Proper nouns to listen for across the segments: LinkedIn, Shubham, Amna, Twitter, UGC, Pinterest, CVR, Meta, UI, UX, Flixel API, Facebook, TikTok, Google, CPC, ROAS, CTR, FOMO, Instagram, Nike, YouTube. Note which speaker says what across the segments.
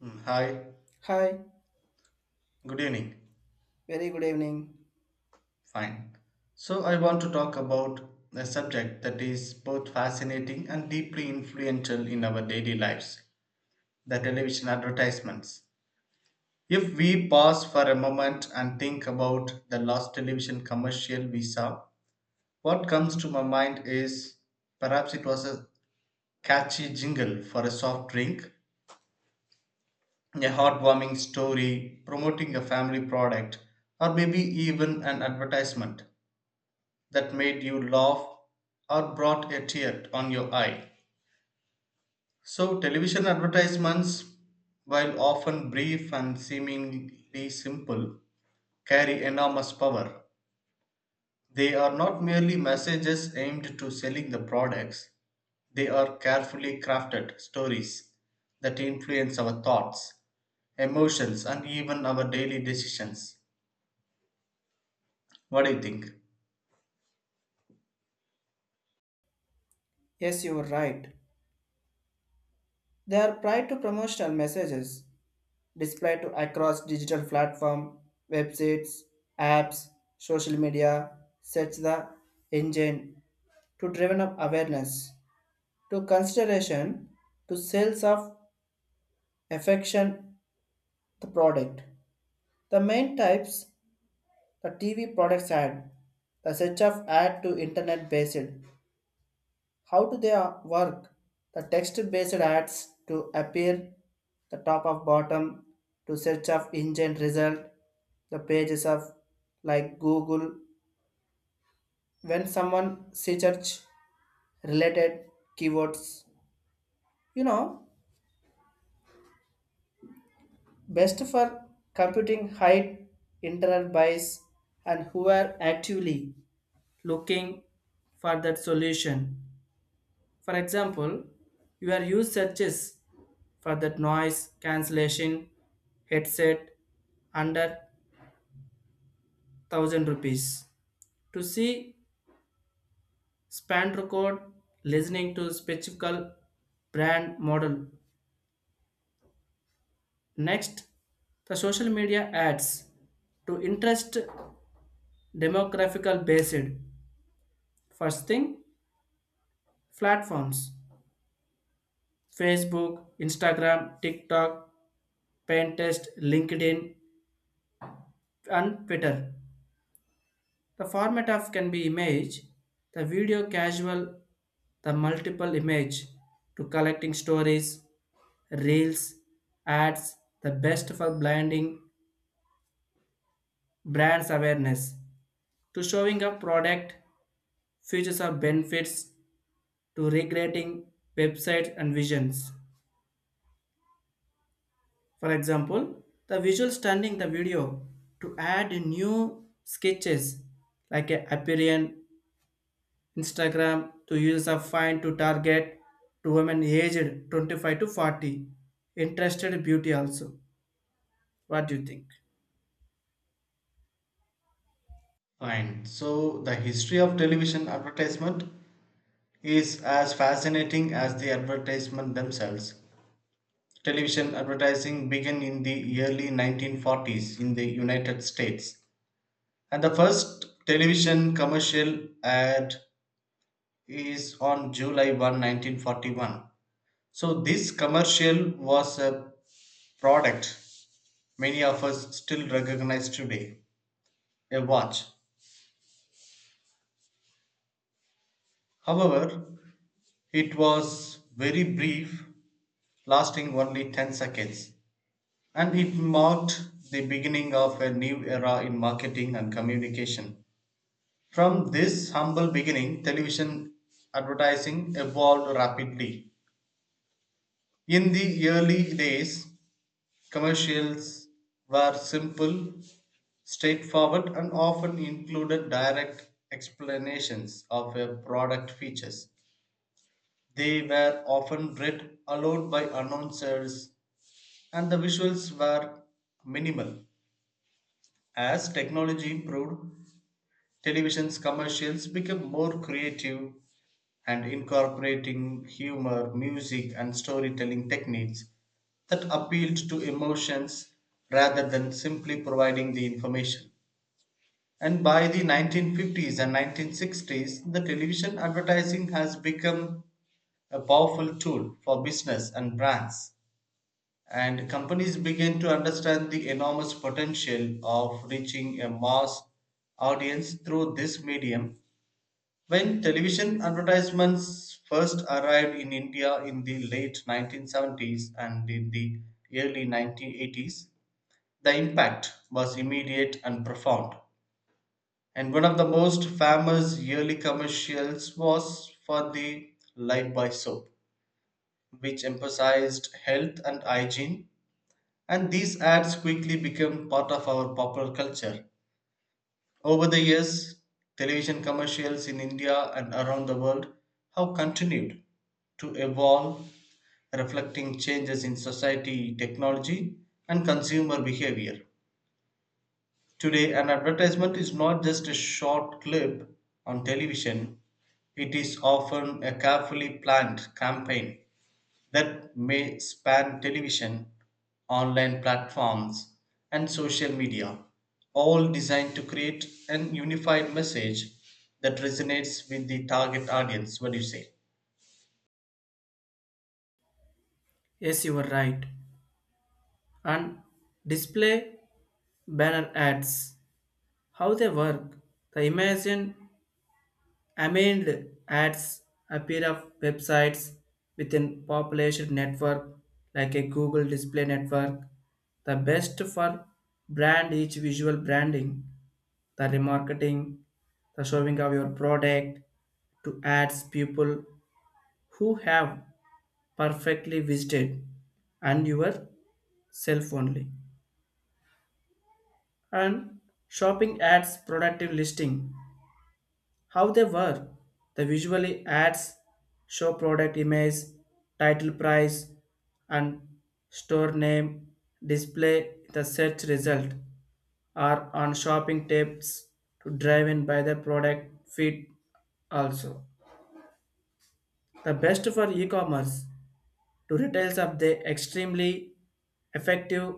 Speaker 1: Hi,
Speaker 2: Hi,
Speaker 1: good evening.
Speaker 2: very good evening.
Speaker 1: Fine. So, I want to talk about a subject that is both fascinating and deeply influential in our daily lives, the television advertisements. If we pause for a moment and think about the last television commercial we saw, what comes to my mind is perhaps it was a catchy jingle for a soft drink, a heartwarming story promoting a family product, or maybe even an advertisement that made you laugh or brought a tear on your eye. So, television advertisements, while often brief and seemingly simple, carry enormous power. They are not merely messages aimed to selling the products, they are carefully crafted stories that influence our thoughts, emotions, and even our daily decisions. What do you think?
Speaker 2: Yes, you are right. They are prior to promotional messages displayed to across digital platform, websites, apps, social media, search the engine to driven up awareness to consideration to sales of affection the product. The main types the TV products ad, the search of ad to internet based. How do they work? The text-based ads to appear the top of bottom to search of engine result, the pages of like Google. When someone search related keywords, you know, best for computing height, internet bias, and who are actively looking for that solution. For example, your use searches for that noise cancellation headset under 1000 rupees to see span record listening to specific brand model. Next, the social media ads to interest demographical based. First thing, platforms Facebook, Instagram, TikTok, Pinterest, LinkedIn, and Twitter. The format of can be image, the video casual, the multiple image to collecting stories, reels, ads, the best for blinding brands awareness to showing a product, features or benefits to recreating websites and visions. For example, the visual stunning the video to add new sketches like a appearance Instagram to users are fine to target to women aged 25 to 40, interested in beauty also. What do you think?
Speaker 1: Fine. So, the history of television advertisement is as fascinating as the advertisements themselves. Television advertising began in the early 1940s in the United States, and the first television commercial ad is on July 1, 1941. So, this commercial was a product many of us still recognize today, a watch. However, it was very brief, lasting only 10 seconds. And it marked the beginning of a new era in marketing and communication. From this humble beginning, television advertising evolved rapidly. In the early days, commercials were simple, straightforward, and often included direct explanations of a product features. They were often read aloud by announcers, and the visuals were minimal. As technology improved, television's commercials became more creative and incorporating humor, music, and storytelling techniques that appealed to emotions rather than simply providing the information. And by the 1950s and 1960s, the television advertising has become a powerful tool for business and brands and companies begin to understand the enormous potential of reaching a mass audience through this medium. When television advertisements first arrived in India in the late 1970s and in the early 1980s, the impact was immediate and profound. And one of the most famous yearly commercials was for the Life by Soap, which emphasized health and hygiene. And these ads quickly became part of our popular culture. Over the years, television commercials in India and around the world have continued to evolve, reflecting changes in society, technology, and consumer behavior. Today, an advertisement is not just a short clip on television, it is often a carefully planned campaign that may span television, online platforms, and social media, all designed to create an unified message that resonates with the target audience. What do you say?
Speaker 2: Yes, you were right. And display banner ads. How they work. The imagine Amid ads appear of websites within population network like a Google display network, the best for brand each visual branding, the remarketing, the showing of your product to ads people who have perfectly visited and your self only. And shopping ads productive listing how they work: the visually ads show product image, title price, and store name display the search result are on shopping tips to drive in by the product feed also. The best for e-commerce to retails of the extremely effective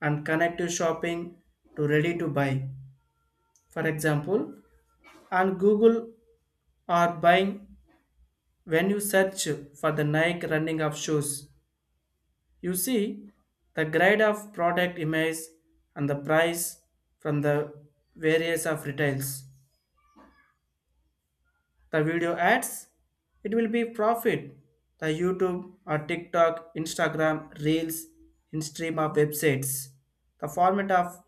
Speaker 2: and connective shopping to ready to buy. For example, on Google or buying, when you search for the Nike running of shoes, you see the grade of product image and the price from the various of retails. The video ads, it will be profit. The YouTube or TikTok, Instagram, Reels, in stream of websites. The format of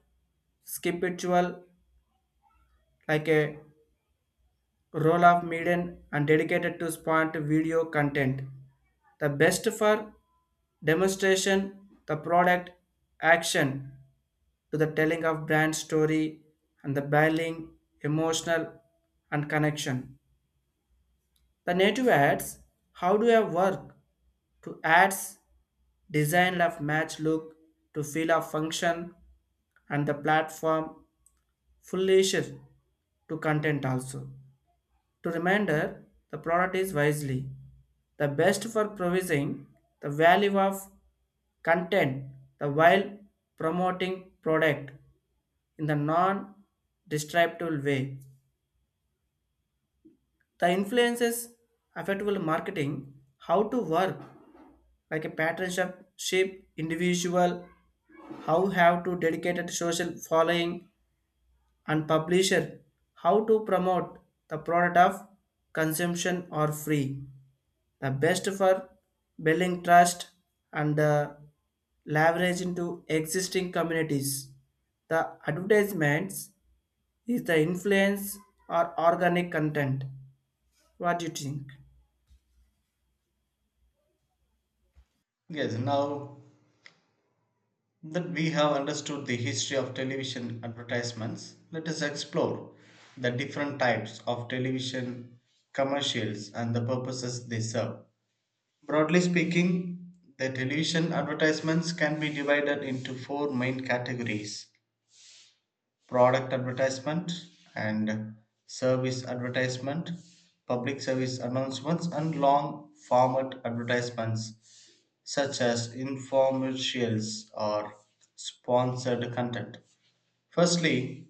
Speaker 2: skipitual like a roll of median and dedicated to spot video content. The best for demonstration the product action to the telling of brand story and the building emotional and connection the native ads how do I work to ads design of match look to feel of function and the platform fully shift to content also to reminder the product is wisely the best for provising the value of content the while promoting product in the non-destructive way. The influences affectable marketing how to work like a partnership individual how have to dedicated social following and publisher how to promote the product of consumption or free the best for building trust and leverage into existing communities. The advertisements is the influence or organic content. What do you think?
Speaker 1: Yes, now that we have understood the history of television advertisements, let us explore the different types of television commercials and the purposes they serve. Broadly speaking, the television advertisements can be divided into four main categories: product advertisement and service advertisement, public service announcements, and long format advertisements such as infomercials or sponsored content. Firstly,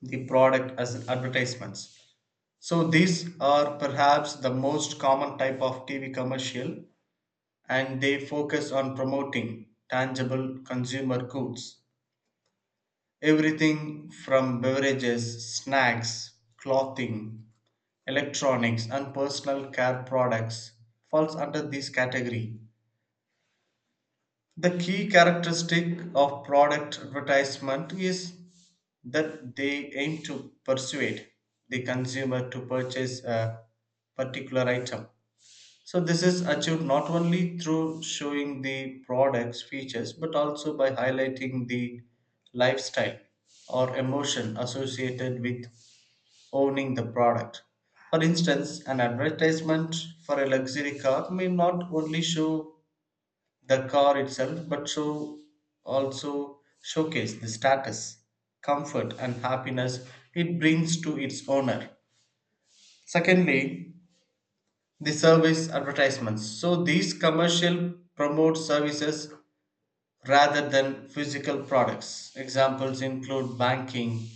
Speaker 1: the product as advertisements. So, these are perhaps the most common type of TV commercial and they focus on promoting tangible consumer goods, everything from beverages, snacks, clothing, electronics, and personal care products falls under this category. The key characteristic of product advertisement is that they aim to persuade the consumer to purchase a particular item. So this is achieved not only through showing the product's features but also by highlighting the lifestyle or emotion associated with owning the product. For instance, an advertisement for a luxury car may not only show the car itself but show also showcase the status, comfort and happiness it brings to its owner. Secondly, the service advertisements. So these commercial promote services rather than physical products. Examples include banking,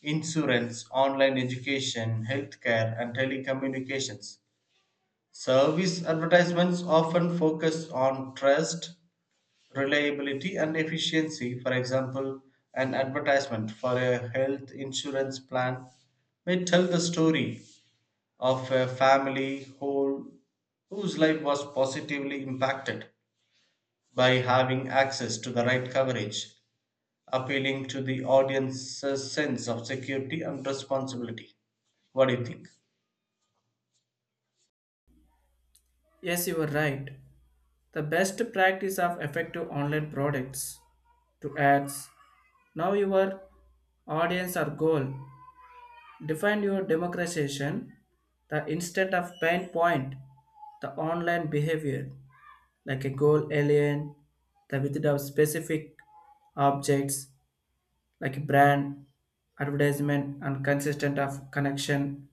Speaker 1: insurance, online education, healthcare, and telecommunications. Service advertisements often focus on trust, reliability, and efficiency. For example, an advertisement for a health insurance plan may tell the story of a family whole whose life was positively impacted by having access to the right coverage, appealing to the audience's sense of security and responsibility. What do you think?
Speaker 2: Yes, you are right. The best practice of effective online products to ads. Now your audience or goal. Define your democratization, the instead of pain point, the online behavior, like a goal alien, the with of specific objects like brand, advertisement, and consistent of connection.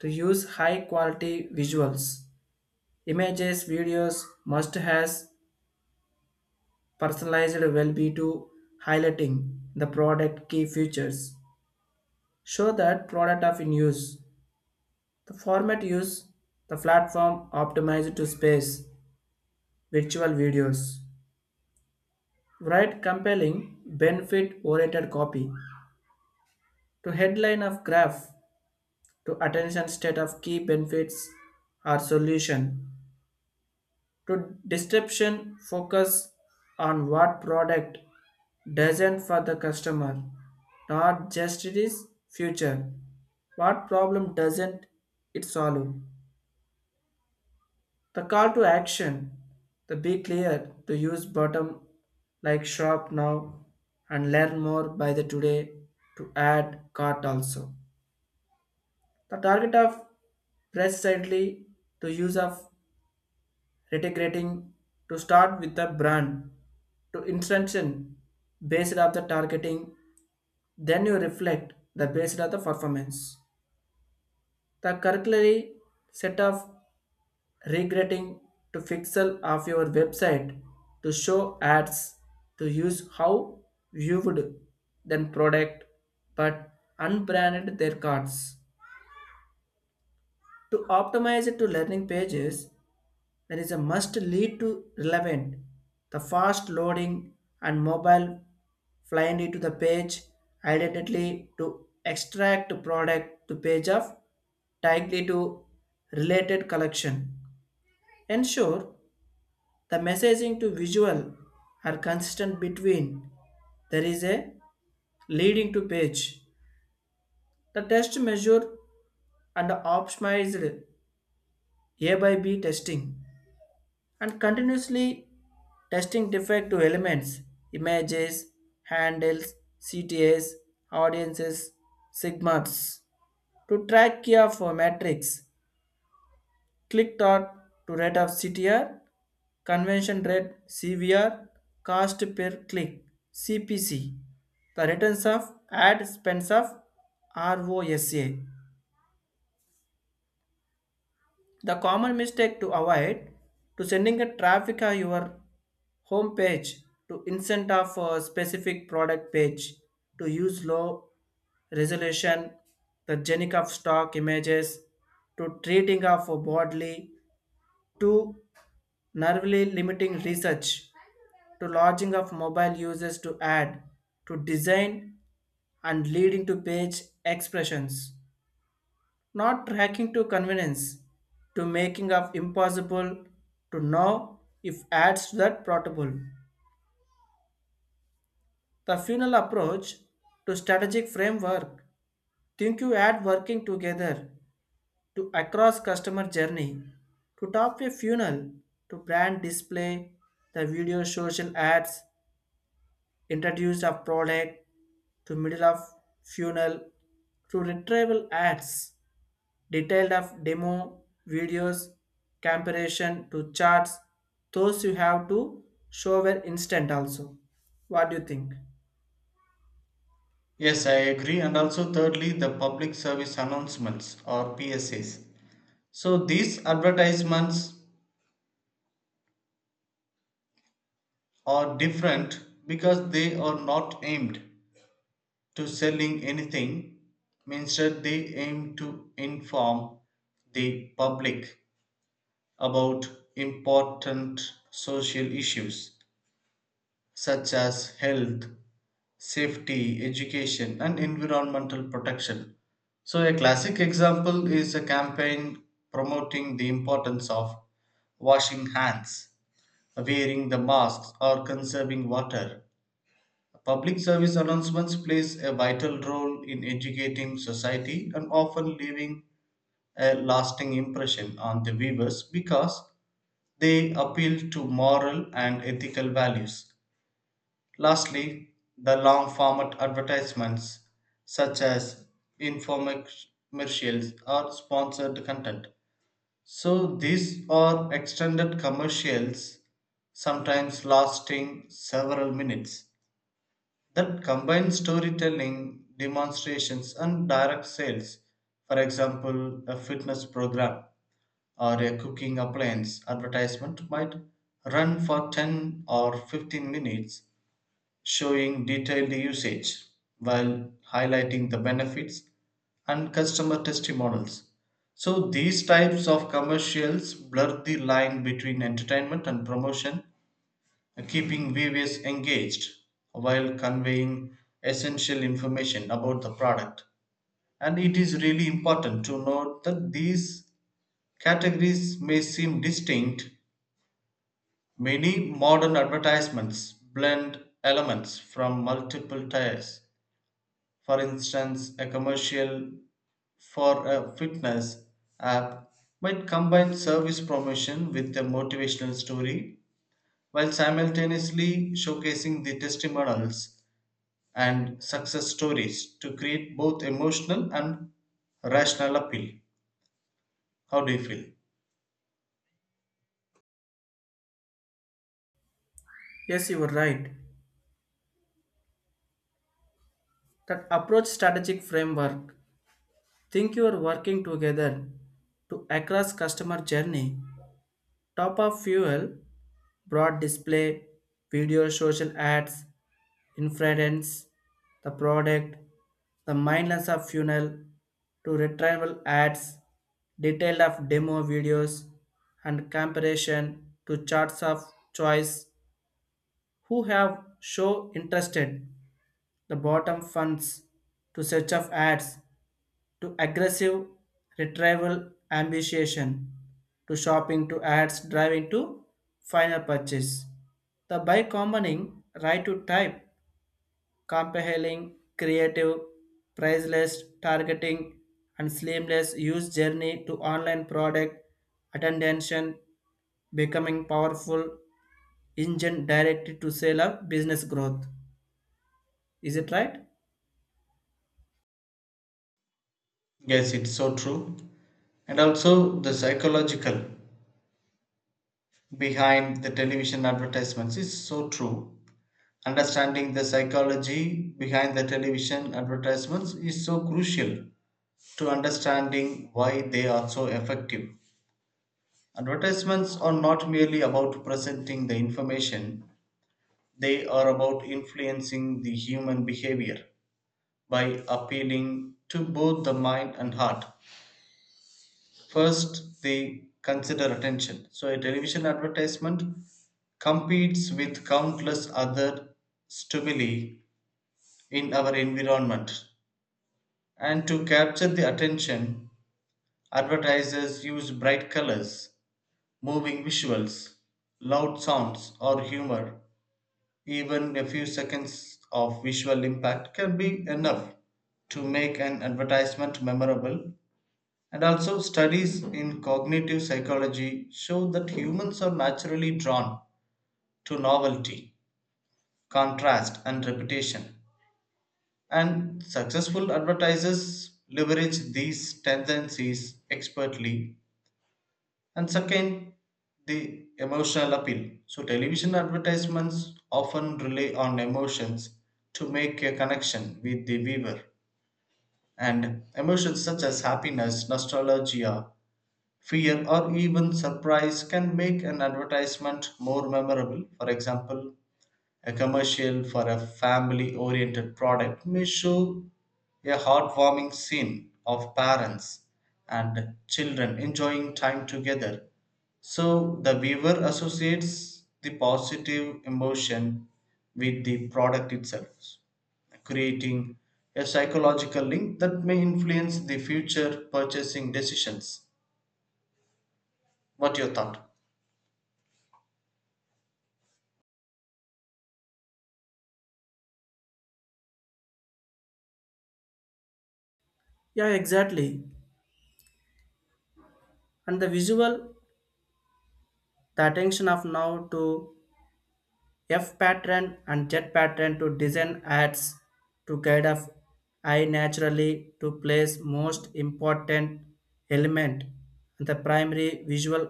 Speaker 2: To use high quality visuals, images, videos must has personalized will be to highlighting the product key features. Show that product of in use. The format used the platform optimized to space virtual videos. Write compelling, benefit oriented copy to headline of graph to attention state of key benefits or solution to description focus on what product doesn't for the customer, not just it is future, what problem doesn't it solve. The call to action, the be clear, to use bottom like shop now and learn more by the today to add cart also. The target of precisely to use of retigrating to start with the brand to instruction based of the targeting, then you reflect the based of the performance. The curriculary set of regretting to pixel of your website to show ads to use how you would then product but unbranded their cards. To optimize it to learning pages, there is a must lead to relevant, the fast loading and mobile flying to the page identically to extract product to page of tightly to related collection. Ensure the messaging to visual are consistent between. There is a leading to page. The test measure and optimized A by B testing and continuously testing defective elements, images, handles, CTAs, audiences, sigmas to track key of metrics. Click dot to rate of CTR, convention rate CVR, cost per click CPC, the returns of ad spends of ROSA. The common mistake to avoid to sending a traffic on your home page to instant of a specific product page to use low resolution, the generic of stock images to treating of bodily to narrowly limiting research to lodging of mobile users to ad to design and leading to page expressions not tracking to convenience to making of impossible to know if ads that portable the funnel approach to strategic framework think you add working together to across customer journey to top a funnel to brand display the video social ads introduced a product to middle of funnel to retrieval ads, detailed of demo videos, comparison to charts, those you have to show were instant also. What do you think?
Speaker 1: Yes, I agree. And also, thirdly, the public service announcements or PSAs. So, these advertisements are different because they are not aimed to selling anything. Instead, they aim to inform the public about important social issues such as health, safety, education, and environmental protection. So, a classic example is a campaign promoting the importance of washing hands, wearing the masks, or conserving water. Public service announcements plays a vital role in educating society and often leaving a lasting impression on the viewers because they appeal to moral and ethical values. Lastly, the long format advertisements such as infomercials or sponsored content. So these are extended commercials sometimes lasting several minutes that combine storytelling, demonstrations, and direct sales. For example, a fitness program or a cooking appliance advertisement might run for 10 or 15 minutes, showing detailed usage while highlighting the benefits and customer testimonials. So, these types of commercials blur the line between entertainment and promotion, keeping viewers engaged while conveying essential information about the product. And it is really important to note that these categories may seem distinct. Many modern advertisements blend elements from multiple tiers. For instance, a commercial for a fitness app might combine service promotion with a motivational story while simultaneously showcasing the testimonials and success stories to create both emotional and rational appeal. How do you feel?
Speaker 2: Yes, you were right. That approach strategic framework. Think you are working together to across customer journey. Top of fuel, broad display, video social ads, inference, the product, the mindless of funnel to retrieval ads, detail of demo videos, and comparison to charts of choice who have show interested the bottom funds to search of ads to aggressive retrieval ambition to shopping to ads driving to final purchase the by combining right to type compelling, creative, priceless targeting, and seamless use journey to online product attention becoming powerful engine directed to sale of business growth. Is it right?
Speaker 1: Yes, it's so true. And also, the psychological behind the television advertisements is so true. Understanding the psychology behind the television advertisements is so crucial to understanding why they are so effective. Advertisements are not merely about presenting the information, they are about influencing the human behavior by appealing to both the mind and heart. First, they consider attention. So, a television advertisement competes with countless other stimuli in our environment. And to capture the attention, advertisers use bright colors, moving visuals, loud sounds, or humor. Even a few seconds of visual impact can be enough to make an advertisement memorable. And also, studies in cognitive psychology show that humans are naturally drawn to novelty, contrast, and repetition. And successful advertisers leverage these tendencies expertly. And second, the emotional appeal. So, television advertisements often rely on emotions to make a connection with the viewer. And emotions such as happiness, nostalgia, fear or even surprise can make an advertisement more memorable. For example, a commercial for a family oriented product may show a heartwarming scene of parents and children enjoying time together. So the viewer associates the positive emotion with the product itself, creating a psychological link that may influence the future purchasing decisions. What your thought?
Speaker 2: Yeah, exactly. And the visual, the attention of now to F pattern and Z pattern to design ads to guide of I naturally to place most important element and the primary visual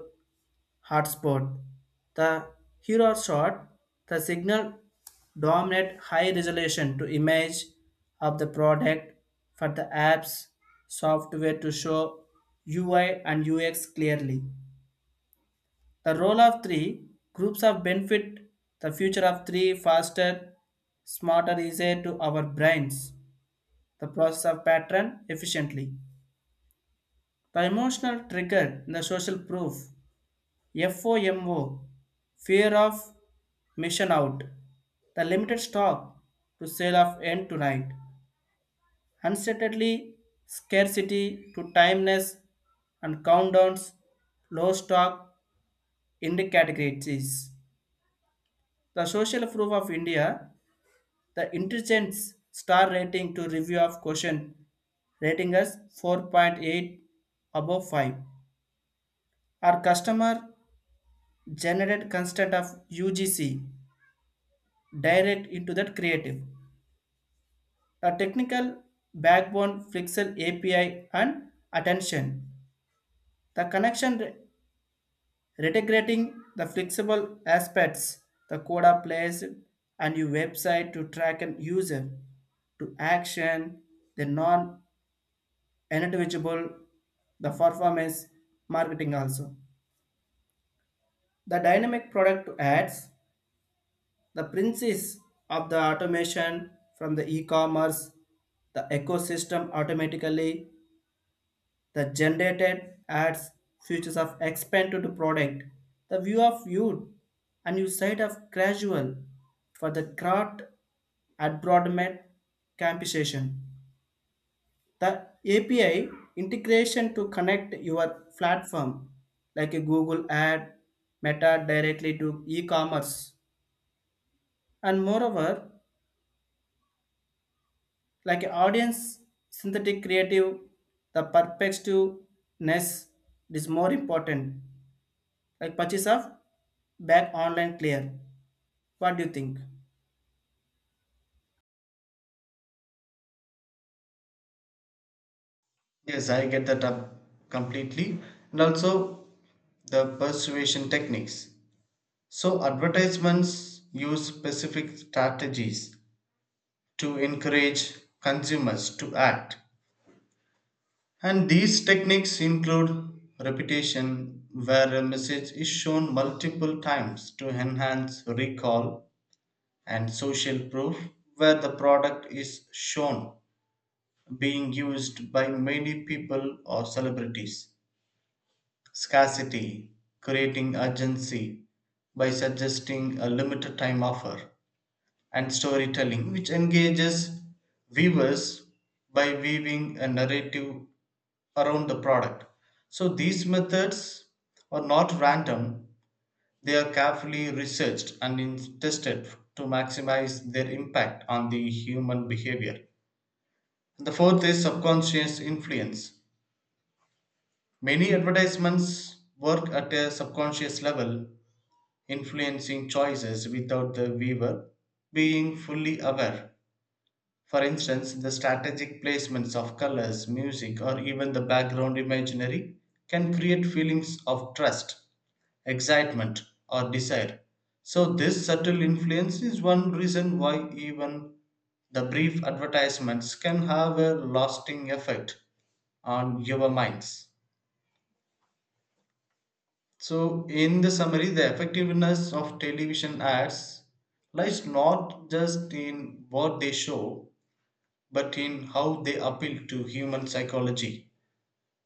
Speaker 2: hotspot. The hero shot, the signal dominate high resolution to image of the product for the apps software to show UI and UX clearly. The role of three groups of benefit, the future of three faster, smarter, easier to our brains, the process of pattern efficiently. The emotional trigger, in the social proof, FOMO, fear of mission out, the limited stock to sale of end to night, uncertainty, scarcity to timeness, and countdowns, low stock, in the categories. The social proof of India. The intelligence star rating to review of question rating us 4.8 above 5. Our customer generated constant of UGC direct into that creative. The technical backbone Flixel API and attention. The connection integrating the flexible aspects, the code are placed and your website to track an user to action, the non individual, the performance marketing also. The dynamic product ads, the princes of the automation from the e-commerce, the ecosystem automatically, the generated ads, features of expanded product, the view of you and you side of gradual for the crowd at broadment compensation. The API integration to connect your platform like a Google ad, Meta directly to e-commerce, and moreover, like a audience synthetic creative, the perspectiveness is more important. Like purchase of back online clear. What do you think?
Speaker 1: Yes, I get that up completely. And also the persuasion techniques. So advertisements use specific strategies to encourage consumers to act. And these techniques include repetition, where a message is shown multiple times to enhance recall, and social proof, where the product is shown being used by many people or celebrities. Scarcity, creating urgency by suggesting a limited time offer, and storytelling, which engages viewers by weaving a narrative around the product. So these methods are not random, they are carefully researched and tested to maximize their impact on the human behavior. The fourth is subconscious influence. Many advertisements work at a subconscious level, influencing choices without the weaver being fully aware. For instance, the strategic placements of colors, music, or even the background imagery can create feelings of trust, excitement, or desire. So, this subtle influence is one reason why even the brief advertisements can have a lasting effect on your minds. So, in the summary, the effectiveness of television ads lies not just in what they show, but in how they appeal to human psychology.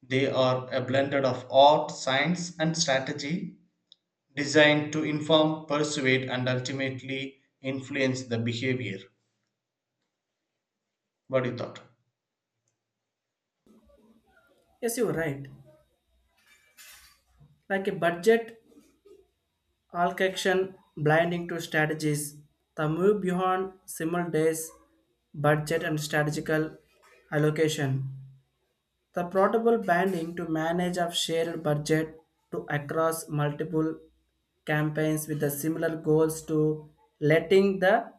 Speaker 1: They are a blend of art, science, and strategy designed to inform, persuade, and ultimately influence the behavior. What do you thought?
Speaker 2: Yes, you're right. Like a budget Alkection blinding to strategies. The move beyond simple days, budget and strategical allocation. The portable banding to manage of shared budget to across multiple campaigns with the similar goals to letting the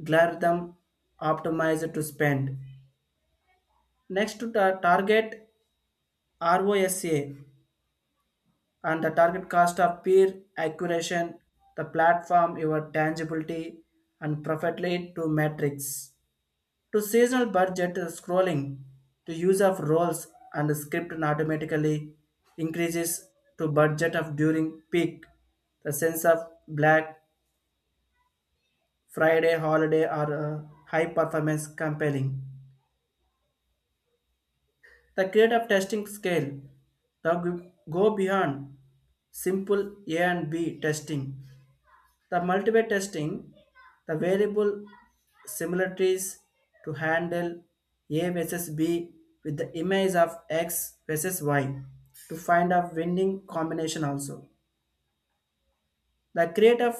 Speaker 2: algorithm optimize to spend. Next to target ROSA and the target cost of peer acquisition, the platform, your tangibility, and profit lead to metrics. To seasonal budget scrolling, to use of roles and script and automatically increases to budget of during peak. The sense of Black Friday holiday or high performance compelling. The creative testing scale, the go beyond simple A and B testing. The multiple testing, the variable similarities to handle A versus B with the image of X versus Y to find a winning combination also. The creative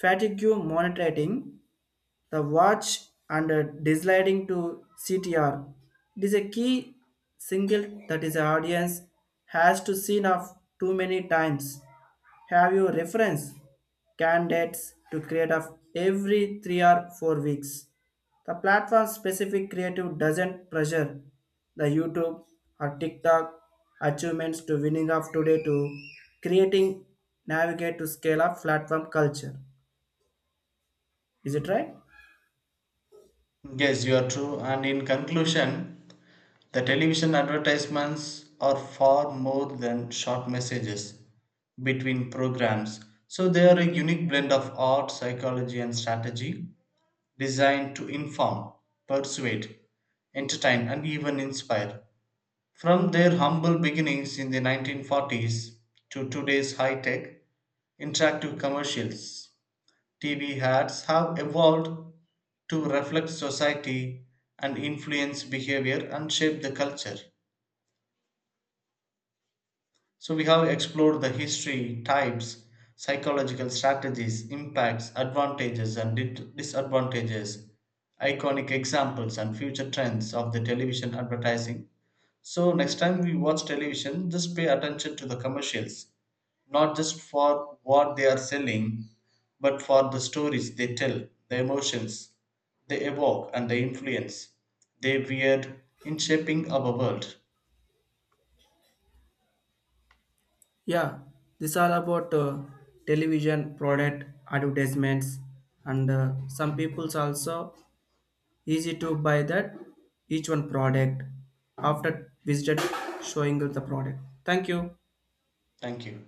Speaker 2: fatigue monitoring the watch and desliding to CTR. It is a key single that is the audience has to seen of too many times. Have you reference candidates to create of every 3 or 4 weeks. The platform specific creative doesn't pressure the YouTube or TikTok achievements to winning of today to creating navigate to scale up platform culture. Is it right?
Speaker 1: Yes, you are true. And in conclusion, the television advertisements are far more than short messages between programs, so they are a unique blend of art, psychology, and strategy designed to inform, persuade, entertain, and even inspire. From their humble beginnings in the 1940s to today's high tech, interactive commercials, TV ads have evolved to reflect society and influence behavior and shape the culture. So we have explored the history, types, psychological strategies, impacts, advantages and disadvantages, iconic examples and future trends of the television advertising. So next time we watch television, just pay attention to the commercials, not just for what they are selling, but for the stories they tell, the emotions they evoke and the influence they wield in shaping our world.
Speaker 2: Yeah, this all about television product advertisements, and some people's also easy to buy that each one product after visited showing the product. Thank you.
Speaker 1: Thank you.